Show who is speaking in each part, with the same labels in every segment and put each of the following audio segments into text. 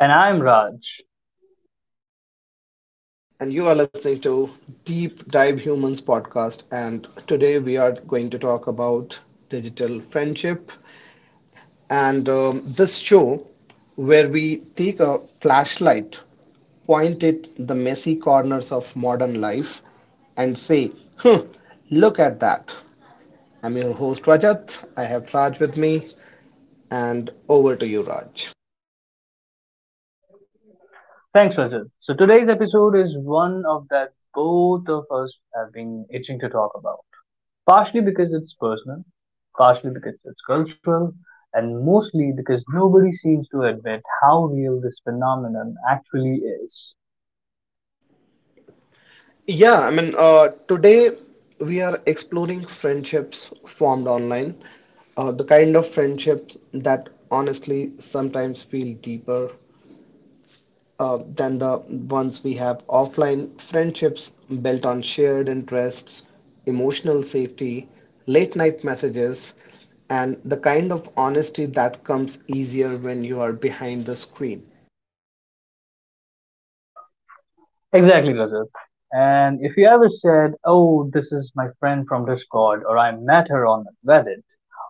Speaker 1: And I'm Raj.
Speaker 2: And you are listening to Deep Dive Humans podcast. And today we are going to talk about digital friendship, and this show where we take a flashlight, point it the messy corners of modern life, and say, hmm, look at that. I'm your host, Rajat. I Raj with me, and over to you, Raj.
Speaker 1: Thanks, Rajat. So today's episode is one of that both of us have been itching to talk about. Partially because it's personal, partially because it's cultural, and mostly because nobody seems to admit how real this phenomenon actually is.
Speaker 2: Yeah, I mean, today we are exploring friendships formed online, the kind of friendships that honestly sometimes feel deeper than the ones we have offline. Friendships built on shared interests, emotional safety, late night messages, and the kind of honesty that comes easier when you are behind the screen.
Speaker 1: Exactly, Rajat. And if you ever said, oh, this is my friend from Discord, or I met her on Reddit,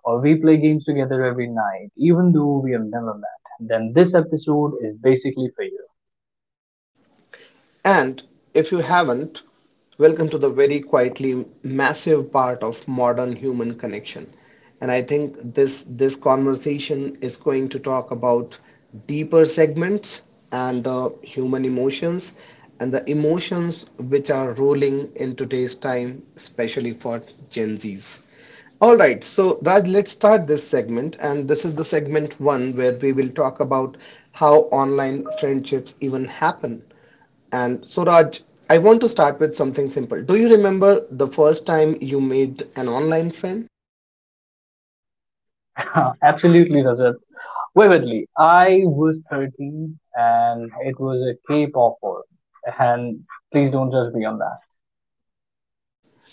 Speaker 1: or we play games together every night, even though we have never met, then this episode is basically for you.
Speaker 2: And if you haven't, welcome to the very quietly massive part of modern human connection. And I think this conversation is going to talk about deeper segments and human emotions, and the emotions which are ruling in today's time, especially for Gen Zs. All right, so Raj, let's start this segment, and this is the segment one where we will talk about how online friendships even happen. And so, Raj, I want to start with something simple. Do you remember the first time you made an online friend?
Speaker 1: Absolutely, Rajat. Vividly, I was 13 and it was a K-pop forum. And please don't judge me on that.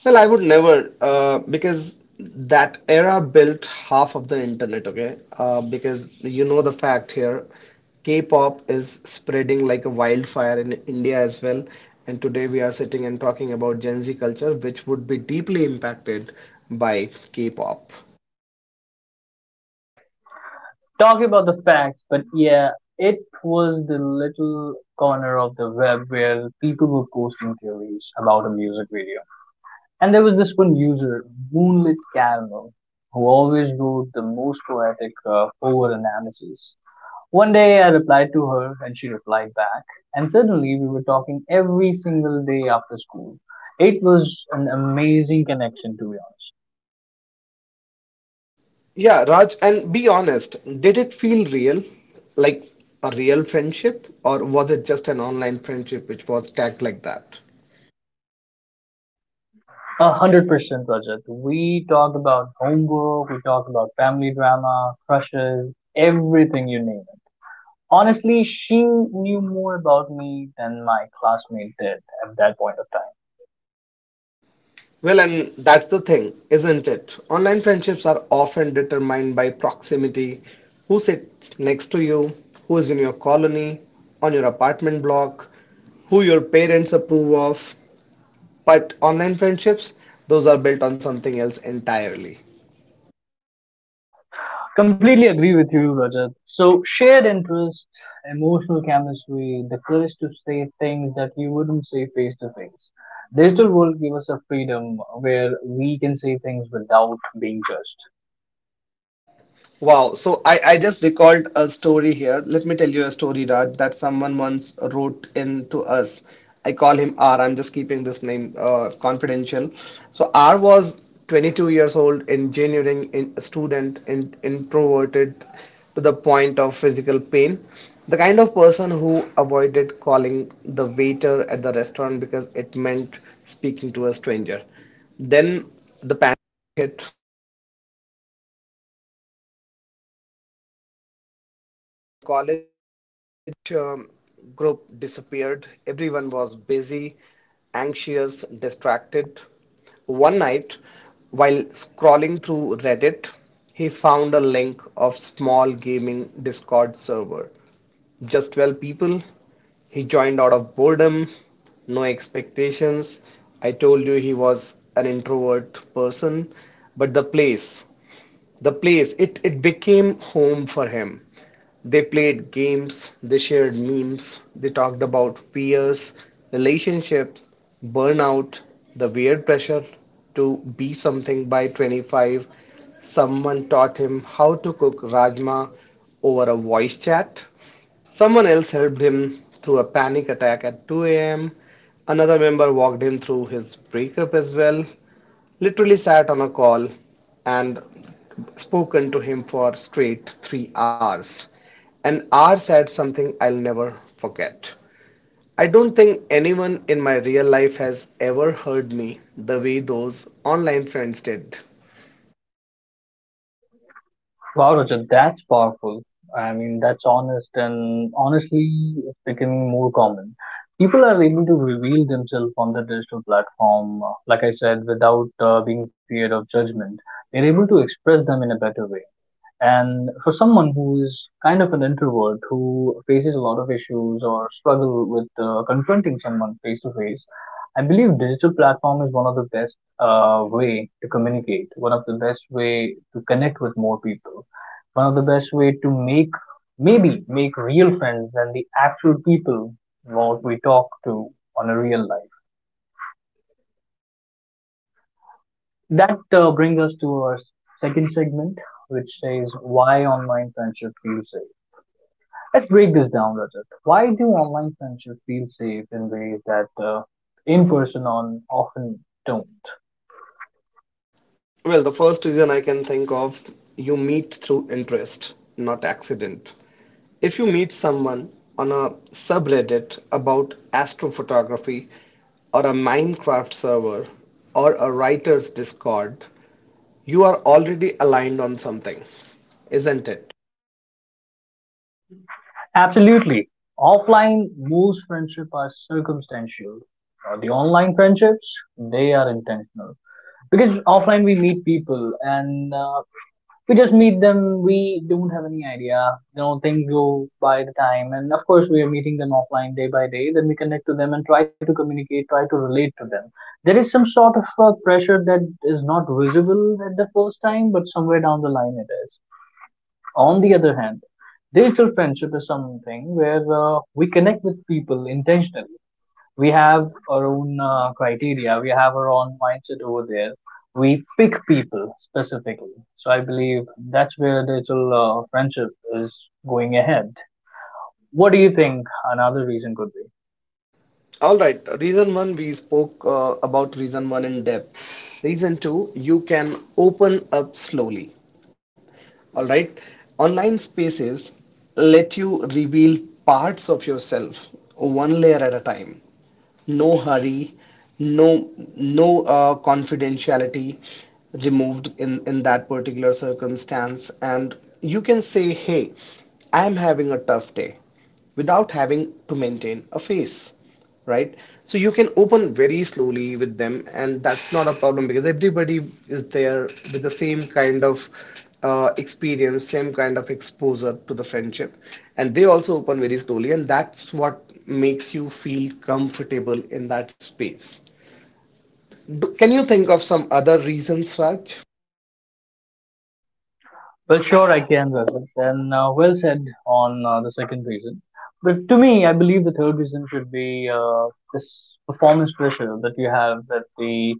Speaker 2: Well, I would never, because that era built half of the internet, okay? Because you know the fact here, K-pop is spreading like a wildfire in India as well. And today we are sitting and talking about Gen Z culture, which would be deeply impacted by K-pop.
Speaker 1: Talk about the facts, but yeah, it was the little corner of the web where people were posting theories about a music video. And there was this one user, Moonlit Calmo, who always wrote the most poetic over analysis. One day I replied to her and she replied back, and suddenly we were talking every single day after school. It was an amazing connection to be honest.
Speaker 2: Yeah, Raj, and be honest, did it feel real? Like a real friendship? Or was it just an online friendship which was tagged like that?
Speaker 1: 100%, Rajat. We talked about homework, we talked about family drama, crushes, everything you name it. Honestly, she knew more about me than my classmate did at that point of time.
Speaker 2: Well, and that's the thing, isn't it? Online friendships are often determined by proximity, who sits next to you, who is in your colony, on your apartment block, who your parents approve of. But online friendships, those are built on something else entirely.
Speaker 1: Completely agree with you, Rajat. So, shared interest, emotional chemistry, the courage to say things that you wouldn't say face to face. Digital world give us a freedom where we can say things without being judged.
Speaker 2: Wow. So I just recalled a story here. Let me tell you a story, Raj, that someone once wrote in to us. I call him R. I'm just keeping this name confidential. So R was 22 years old, engineering in, student, in, introverted to the point of physical pain. The kind of person who avoided calling the waiter at the restaurant because it meant speaking to a stranger. Then the pandemic hit. College group disappeared. Everyone was busy, anxious, distracted. One night, while scrolling through Reddit, he found a link of small gaming Discord server. Just 12 people. He joined out of boredom, no expectations. I told you he was an introvert person, but the place it became home for him. They played games, they shared memes, they talked about fears, relationships, burnout, the weird pressure to be something by 25. Someone taught him how to cook rajma over a voice chat. Someone else helped him through a panic attack at 2 a.m. Another member walked him through his breakup as well. Literally sat on a call and spoken to him for straight 3 hours. And R said something I'll never forget. I don't think anyone in my real life has ever heard me the way those online friends did.
Speaker 1: Wow, Rajat, that's powerful. I mean, that's honest, and honestly, it's becoming more common. People are able to reveal themselves on the digital platform, like I said, without being feared of judgment. They're able to express them in a better way. And for someone who is kind of an introvert who faces a lot of issues or struggle with confronting someone face to face, I believe digital platform is one of the best way to communicate, one of the best way to connect with more people, one of the best way to make maybe make real friends than the actual people what we talk to on a real life. That brings us to our second segment, which says why online friendship feels safe. Let's break this down, Rajat. Why do online friendships feel safe in ways that in person on often don't?
Speaker 2: Well, the first reason I can think of, you meet through interest, not accident. If you meet someone on a subreddit about astrophotography or a Minecraft server or a writer's Discord, you are already aligned on something, isn't it?
Speaker 1: Absolutely. Offline, most friendships are circumstantial. The online friendships, they are intentional. Because offline we meet people and we just meet them. We don't have any idea. You know, things go by the time, and of course, we are meeting them offline day by day. Then we connect to them and try to communicate, try to relate to them. There is some sort of pressure that is not visible at the first time, but somewhere down the line it is. On the other hand, digital friendship is something where we connect with people intentionally. We have our own criteria, we have our own mindset over there, we pick people specifically. So I believe that's where digital friendship is going ahead. What do you think another reason could be?
Speaker 2: All right, reason one, we spoke about reason one in depth. Reason two, you can open up slowly. All right. Online spaces let you reveal parts of yourself one layer at a time. No hurry, no no confidentiality removed in that particular circumstance, and you can say, "Hey, I'm having a tough day," without having to maintain a face, right? So you can open very slowly with them, and that's not a problem because everybody is there with the same kind of experience, same kind of exposure to the friendship, and they also open very slowly, and that's what makes you feel comfortable in that space. Can you think of some other reasons, Raj?
Speaker 1: Well, sure, I can, Rajat. Then well said on the second reason, but to me I believe the third reason should be uh, this performance pressure that you have at the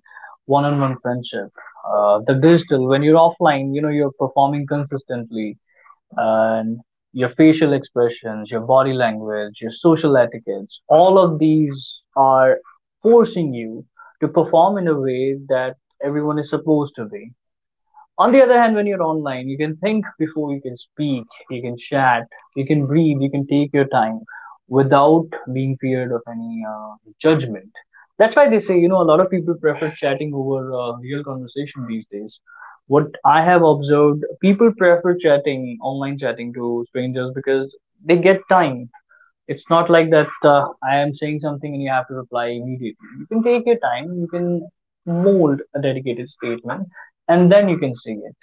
Speaker 1: one-on-one friendship. The digital, when you're offline, you know you're performing consistently, and your facial expressions, your body language, your social etiquettes, all of these are forcing you to perform in a way that everyone is supposed to be. On the other hand, when you're online, you can think before you can speak, you can chat, you can breathe, you can take your time without being feared of any judgment. That's why they say, you know, a lot of people prefer chatting over real conversation these days. What I have observed, people prefer chatting, online chatting to strangers because they get time. It's not like that I am saying something and you have to reply immediately. You can take your time, you can mold a dedicated statement, and then you can say it.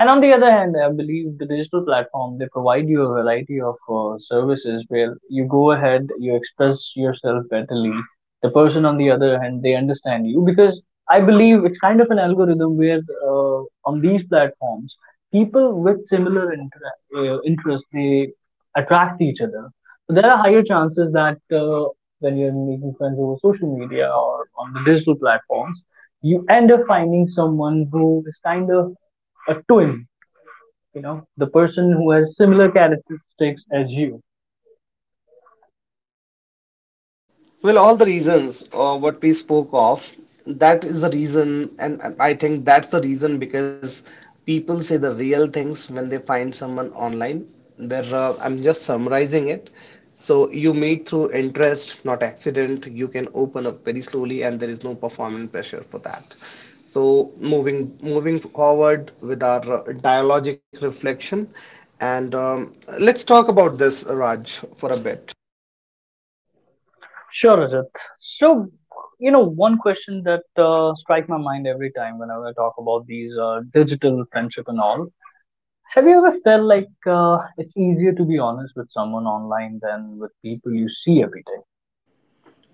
Speaker 1: And on the other hand, I believe the digital platform, they provide you a variety of services where you go ahead, you express yourself betterly. The person on the other hand, they understand you because I believe it's kind of an algorithm where uh, on these platforms, people with similar interests they attract each other. So there are higher chances that when you're making friends over social media or on the digital platforms, you end up finding someone who is kind of a twin, you know, the person who has similar characteristics as you.
Speaker 2: Well, all the reasons what we spoke of, that is the reason, and I think that's the reason because people say the real things when they find someone online. Where I'm just summarizing it. So you meet through interest, not accident. You can open up very slowly, and there is no performance pressure for that. So moving forward with our dialogic reflection, and let's talk about this, Raj, for a bit.
Speaker 1: Sure, Rajat. So, you know, one question that strikes my mind every time whenever I talk about these digital friendship and all. Have you ever felt like it's easier to be honest with someone online than with people you see every day?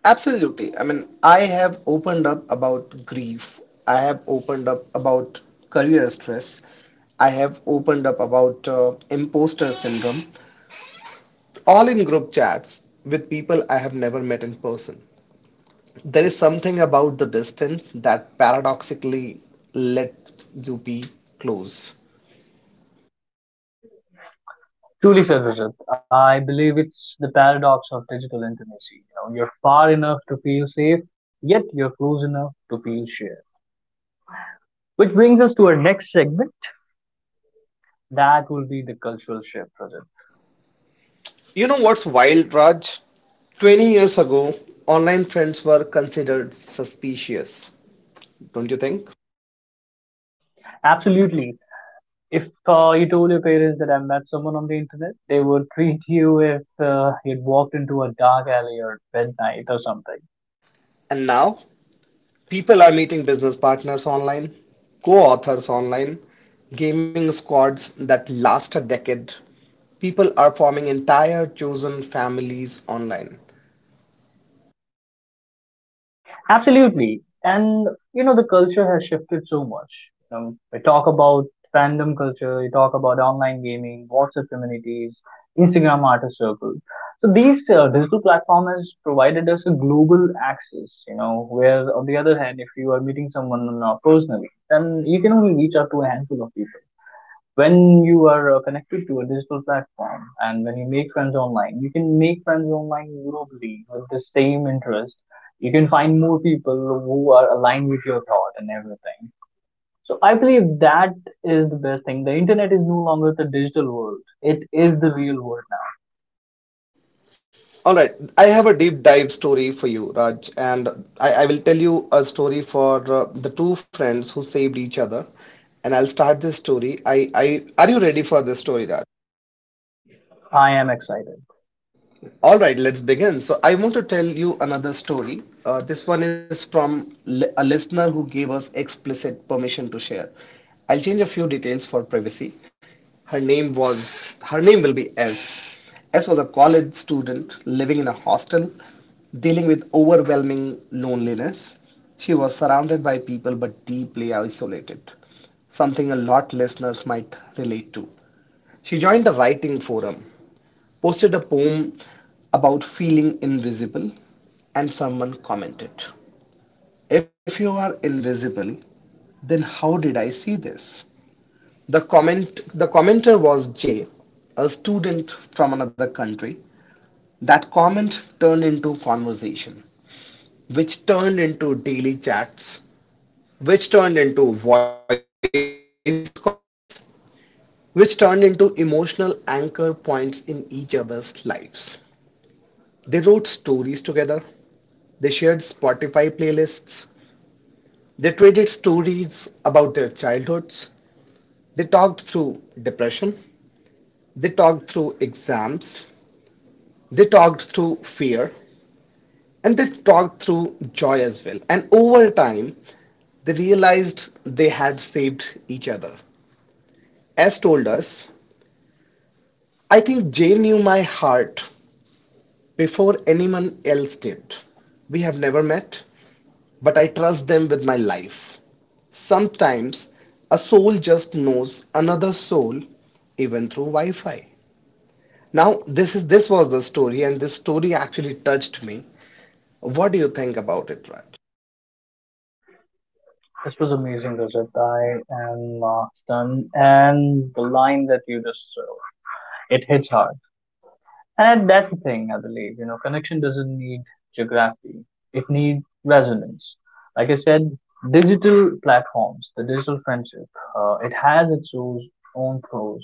Speaker 2: Absolutely. I mean, I have opened up about grief. I have opened up about career stress. I have opened up about imposter syndrome, all in group chats with people I have never met in person. There is something about the distance that paradoxically let you be close.
Speaker 1: Truly said, Rajat. I believe it's the paradox of digital intimacy. You know, you're far enough to feel safe, yet you're close enough to feel shared. Which brings us to our next segment. That will be the cultural shift, Rajat.
Speaker 2: You know what's wild, Raj? 20 years ago, online friends were considered suspicious, don't you think?
Speaker 1: Absolutely. If you told your parents that I met someone on the internet, they would treat you if you'd walked into a dark alley or midnight or something.
Speaker 2: And now people are meeting business partners online, co-authors online, gaming squads that last a decade. People are forming entire chosen families online.
Speaker 1: Absolutely. And, you know, the culture has shifted so much. You know, we talk about fandom culture, we talk about online gaming, WhatsApp communities, Instagram artist circles. So these digital platform has provided us a global access, you know, where on the other hand, if you are meeting someone personally, then you can only reach out to a handful of people. When you are connected to a digital platform and when you make friends online, you can make friends online globally with the same interest. You can find more people who are aligned with your thought and everything. So I believe that is the best thing. The internet is no longer the digital world. It is the real world.
Speaker 2: All right, I have a deep dive story for you, Raj, and I will tell you a story for the two friends who saved each other. And I'll start this story. Are you ready for this story, Raj?
Speaker 1: Now I am excited.
Speaker 2: All right, let's begin. So, I want to tell you another story. This one is from a listener who gave us explicit permission to share. I'll change a few details for privacy. Her name will be S. S was a college student living in a hostel, dealing with overwhelming loneliness. She was surrounded by people but deeply isolated, something a lot listeners might relate to. She joined a writing forum, posted a poem about feeling invisible, and someone commented, "If you are invisible, then how did I see this?" The commenter was Jay, a student from another country. That comment turned into conversation, which turned into daily chats, which turned into voice calls, which turned into emotional anchor points in each other's lives. They wrote stories together. They shared Spotify playlists. They traded stories about their childhoods. They talked through depression. They talked through exams. They talked through fear. And they talked through joy as well. And over time, they realized they had saved other. As told us, I think Jay knew my heart before anyone else did. We have never met, but I trust them with my life. Sometimes a soul just knows another soul even through Wi-Fi. Now this was the story, and this story actually touched me. What do you think about it, Raj?
Speaker 1: This was amazing, Rajat. I am stunned. And the line that you just it hits hard. And that's the thing, I believe. You know, connection doesn't need geography, it needs resonance. Like I said, digital platforms, the digital friendship, it has its own pros.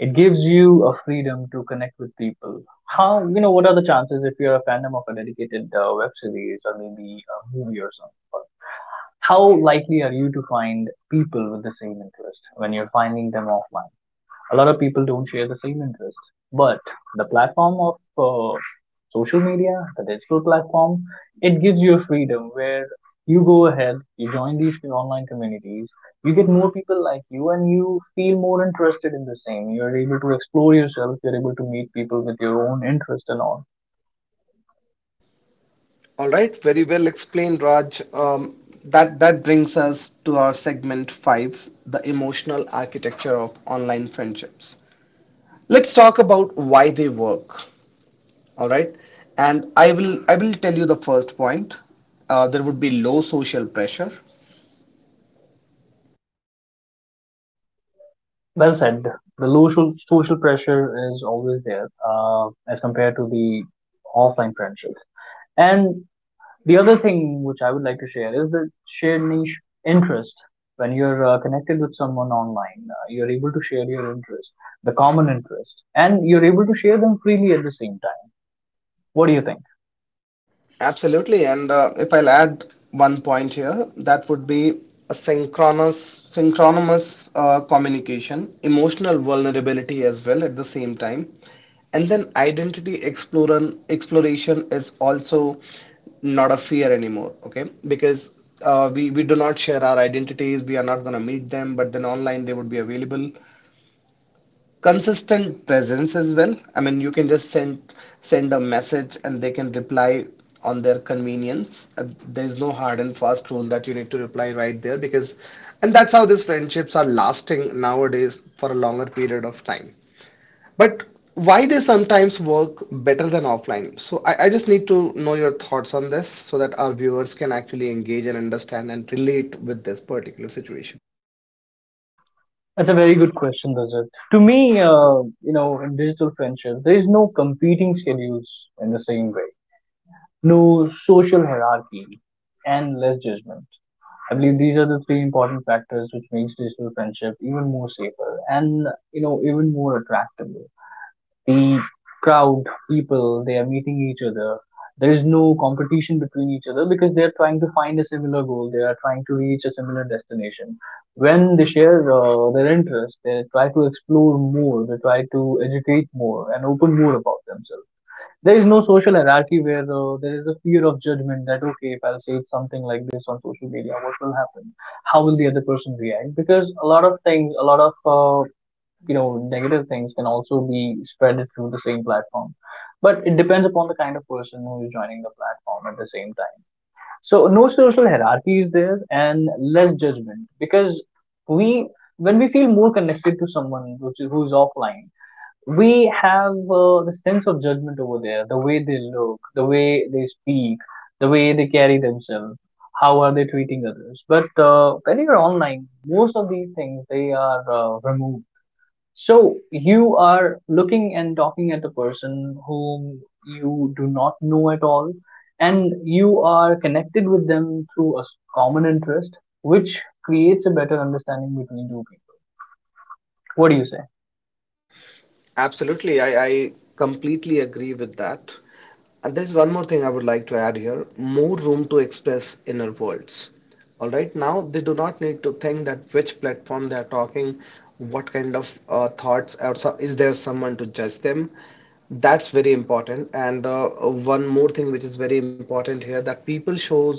Speaker 1: It gives you a freedom to connect with people. How, you know, what are the chances if you're a fandom of a dedicated web series or maybe a movie or something? How likely are you to find people with the same interest when you're finding them offline? A lot of people don't share the same interest. But the platform of social media, the digital platform, it gives you a freedom where you go ahead, you join these online communities, you get more people like you, and you feel more interested in the same. You're able to explore yourself, you're able to meet people with your own interest and all.
Speaker 2: All right, very well explained, Raj. That that brings us to our segment five, the emotional architecture of online friendships. Let's talk about why they work. All right. And I will tell you the first point. There would be low social pressure.
Speaker 1: Well said. The social pressure is always there as compared to the offline friendships. And the other thing which I would like to share is the shared niche interest. When you're connected with someone online, you're able to share your interest, the common interest, and you're able to share them freely at the same time. What do you think?
Speaker 2: Absolutely. And if I'll add one point here, that would be a synchronous communication, emotional vulnerability as well at the same time. And then identity exploration is also not a fear anymore, okay? Because we do not share our identities, we are not going to meet them, but then online they would be available. Consistent presence as well. I mean, you can just send a message and they can reply on their convenience. There's no hard and fast rule that you need to reply right there because, and that's how these friendships are lasting nowadays for a longer period of time. But why they sometimes work better than offline? So I just need to know your thoughts on this so that our viewers can actually engage and understand and relate with this particular situation.
Speaker 1: That's a very good question, Rajat. To me, you know, in digital friendships, there is no competing schedules in the same way, no social hierarchy, and less judgment. I believe these are the three important factors which makes digital friendship even more safer and, you know, even more attractive. The crowd, people, they are meeting each other. There is no competition between each other because they are trying to find a similar goal. They are trying to reach a similar destination. When they share their interests, they try to explore more. They try to educate more and open more about themselves. There is no social hierarchy where there is a fear of judgment that okay, if I'll say something like this on social media, what will happen? How will the other person react? Because a lot of things, a lot of negative things can also be spreaded through the same platform, but it depends upon the kind of person who is joining the platform at the same time. So no social hierarchy is there, and less judgment because we when we feel more connected to someone which is, who's offline, we have the sense of judgment over there, the way they look, the way they speak, the way they carry themselves, how are they treating others. But when you're online, most of these things they are removed. So you are looking and talking at a person whom you do not know at all, and you are connected with them through common interest, which creates a better understanding between two people. What do you say?
Speaker 2: Absolutely, I completely agree with that. And there's one more thing I would like to add here, more room to express inner worlds. All right, now they do not need to think that which platform they are talking, what kind of thoughts, or so, is there someone to judge them? That's very important. And one more thing which is very important here that people shows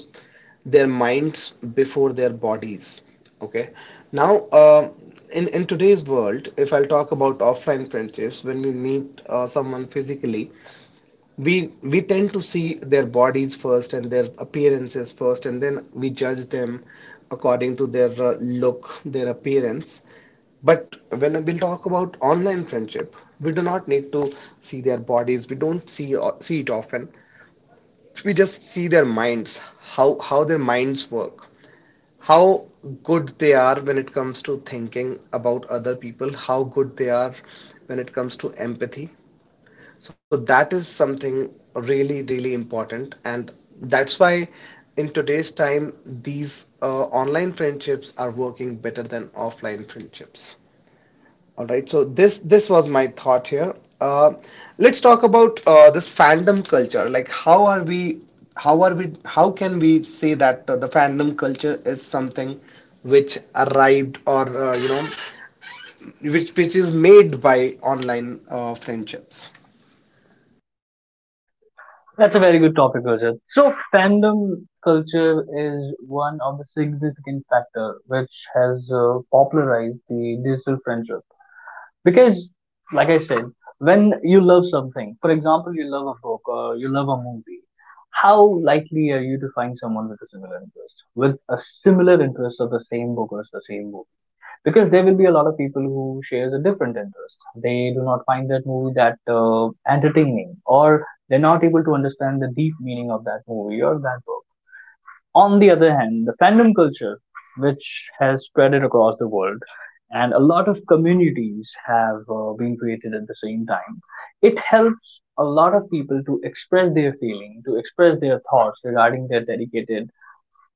Speaker 2: their minds before their bodies. Okay. Now, in today's world, if I'll talk about offline friendships, when we meet someone physically, we tend to see their bodies first and their appearances first, and then we judge them according to their look, their appearance. But when we'll talk about online friendship, we do not need to see their bodies. We don't see see it often. We just see their minds, how their minds work, how good they are when it comes to thinking about other people, how good they are when it comes to empathy. So that is something really, really important. And that's why in today's time, these online friendships are working better than offline friendships. All right, so this was my thought here. Let's talk about this fandom culture. Like, how are we, how can we say that the fandom culture is something which arrived or which is made by online friendships?
Speaker 1: That's a very good topic, Rajat. So fandom culture is one of the significant factor which has popularized the digital friendship because, like I said, when you love something, for example you love a book or you love a movie, how likely are you to find someone with a similar interest, of the same book or the same movie? Because there will be a lot of people who shares a different interest. They do not find that movie that entertaining, or they're not able to understand the deep meaning of that movie or that book. On the other hand, the fandom culture, which has spread it across the world, and a lot of communities have been created at the same time, it helps a lot of people to express their feeling, to express their thoughts regarding their dedicated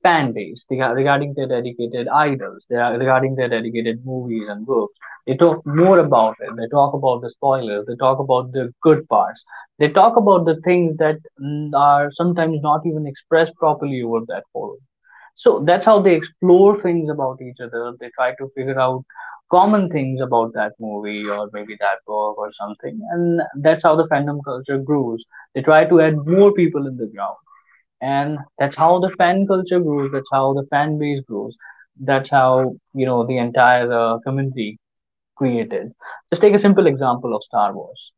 Speaker 1: fan base, regarding their dedicated idols, regarding their dedicated movies and books. They talk more about it. They talk about the spoilers. They talk about the good parts. They talk about the things that are sometimes not even expressed properly over that forum. So that's how they explore things about each other. They try to figure out common things about that movie, or maybe that book or something. And that's how the fandom culture grows. They try to add more people in the ground. And that's how the fan culture grows. That's how the fan base grows. That's how, you know, the entire community created. Just take a simple example of Star Wars.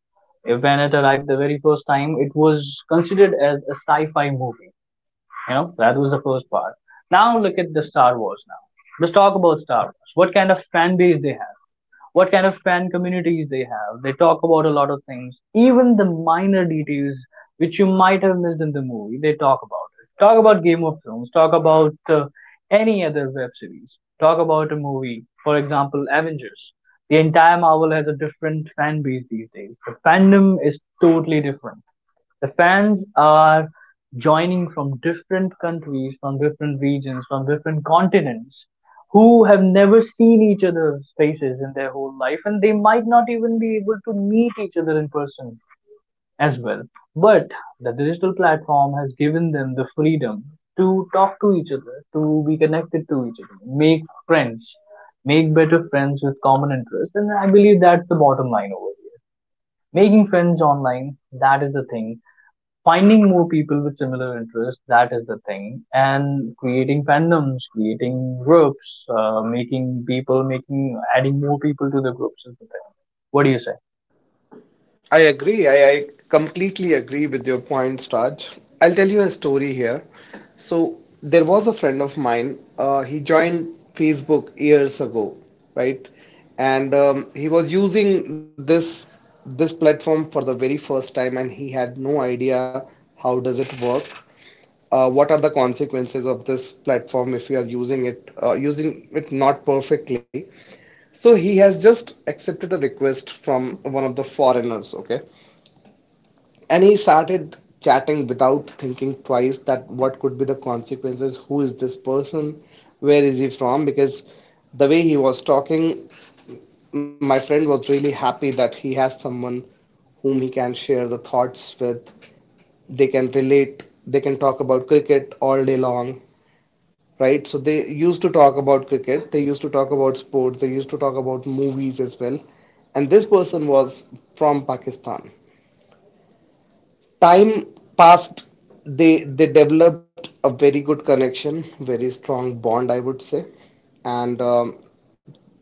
Speaker 1: If When it arrived the very first time, it was considered as a sci fi movie. You know, that was the first part. Now look at the Star Wars now. Let's talk about Star Wars. What kind of fan base they have. What kind of fan communities they have. They talk about a lot of things. Even the minor details which you might have missed in the movie, they talk about it. Talk about Game of Thrones. Talk about any other web series. Talk about a movie. For example, Avengers. The entire Marvel has a different fan base these days. The fandom is totally different. The fans are joining from different countries, from different regions, from different continents, who have never seen each other's faces in their whole life, and they might not even be able to meet each other in person as well. But the digital platform has given them the freedom to talk to each other, to be connected to each other, make friends, make better friends with common interests, and I believe that's the bottom line over here. Making friends online, that is the thing. Finding more people with similar interests, that is the thing. And creating fandoms, creating groups, making, adding more people to the groups, is the thing. What do you say?
Speaker 2: I agree. I completely agree with your points, Raj. I'll tell you a story here. So there was a friend of mine. He joined Facebook years ago, right? And he was using this platform for the very first time, and he had no idea how does it work. What are the consequences of this platform if you are using it not perfectly? So he has just accepted a request from one of the foreigners. Okay, and he started chatting without thinking twice that what could be the consequences, who is this person, where is he from? Because the way he was talking, my friend was really happy that he has someone whom he can share the thoughts with. They can relate, they can talk about cricket all day long, right? So they used to talk about cricket, they used to talk about sports, they used to talk about movies as well. And this person was from Pakistan. Time passed. They developed a very good connection, very strong bond, I would say. And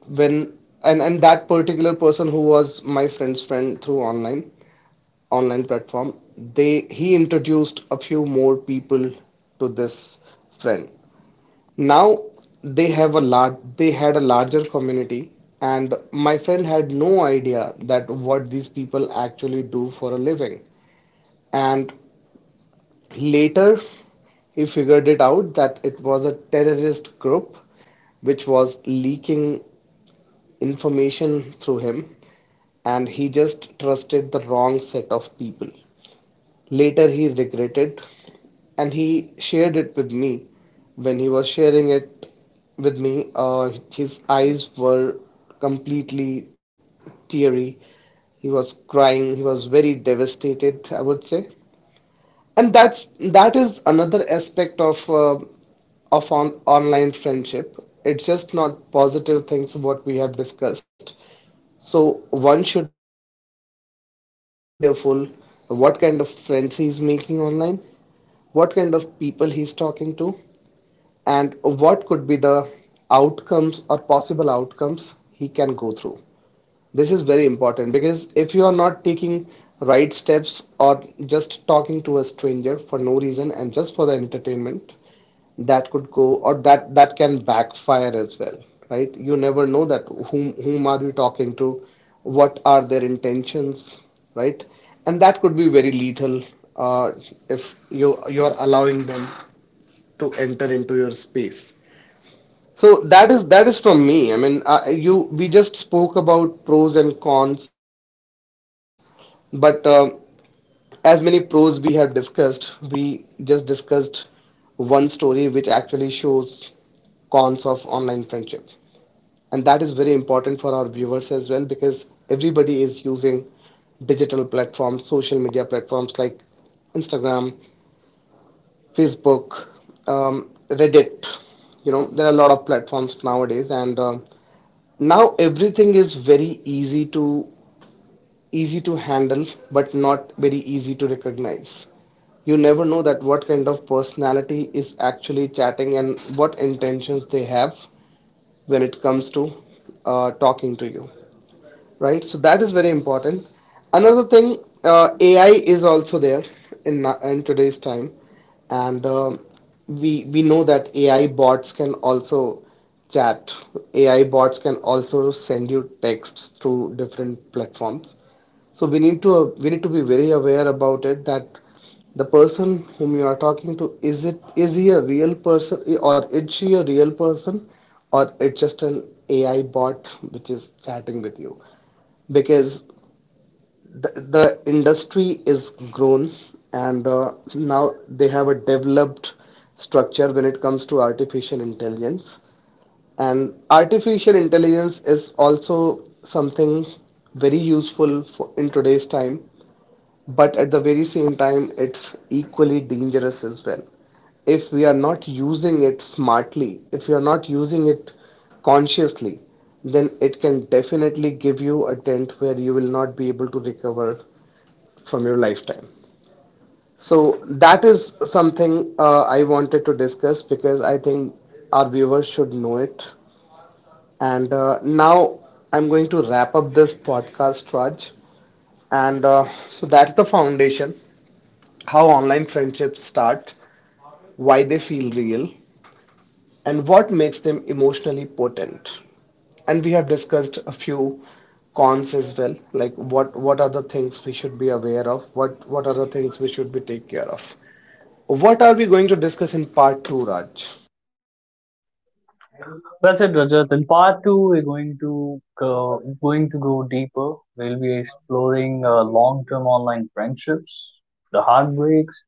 Speaker 2: when and that particular person who was my friend's friend through online platform, they he introduced a few more people to this friend. Now they had a larger community, and my friend had no idea that what these people actually do for a living. And later, he figured it out that it was a terrorist group which was leaking information through him, and he just trusted the wrong set of people. Later, he regretted and he shared it with me. When he was sharing it with me, his eyes were completely teary. He was crying, he was very devastated, I would say. And that is another aspect of on online friendship. It's just not positive things what we have discussed. So one should be very careful what kind of friends he's making online, what kind of people he's talking to, and what could be the outcomes or possible outcomes he can go through. This is very important because if you are not taking right steps or just talking to a stranger for no reason and just for the entertainment, that could go or that can backfire as well, right? You never know that whom are you talking to, what are their intentions, right? And that could be very lethal uh, if you're allowing them to enter into your space. So that is from me. I mean, you we just spoke about pros and cons, but as many pros we have discussed, we just discussed one story which actually shows cons of online friendship. And that is very important for our viewers as well because everybody is using digital platforms, social media platforms like Instagram, Facebook, Reddit. You know, there are a lot of platforms nowadays, and now everything is very easy to easy to handle, but not very easy to recognize. You never know that what kind of personality is actually chatting and what intentions they have when it comes to talking to you, right? So that is very important. Another thing, AI is also there in today's time, and we know that AI bots can also chat. AI bots can also send you texts through different platforms. So we need to be very aware about it that the person whom you are talking to, is it is he a real person or is she a real person, or it's just an AI bot which is chatting with you? Because the, the industry is grown, and now they have a developed structure when it comes to artificial intelligence. And artificial intelligence is also something very useful for, in today's time, but at the very same time, it's equally dangerous as well. If we are not using it smartly, if we are not using it consciously, then it can definitely give you a dent where you will not be able to recover from your lifetime. So that is something I wanted to discuss because I think our viewers should know it. And now I'm going to wrap up this podcast, Raj. And so that's the foundation. How online friendships start, why they feel real, and what makes them emotionally potent. And we have discussed a few cons as well, like what are the things we should be aware of, what are the things we should be take care of. What are we going to discuss in part two, Raj?
Speaker 1: That's it, Rajat. In part two, we're going to go, go deeper. We'll be exploring long-term online friendships, the heartbreaks,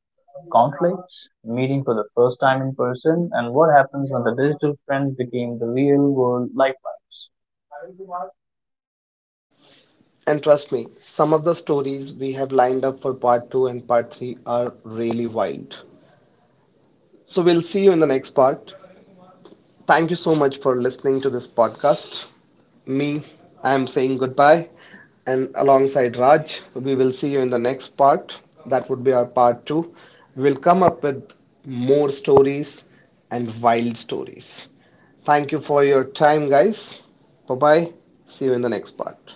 Speaker 1: conflicts, meeting for the first time in person, and what happens when the digital friends became the real world lifelines.
Speaker 2: And trust me, some of the stories we have lined up for part two and part three are really wild. So we'll see you in the next part. Thank you so much for listening to this podcast. Me, I am saying goodbye, and alongside Raj, we will see you in the next part. That would be our part two. We will come up with more stories and wild stories. Thank you for your time, guys. Bye bye. See you in the next part.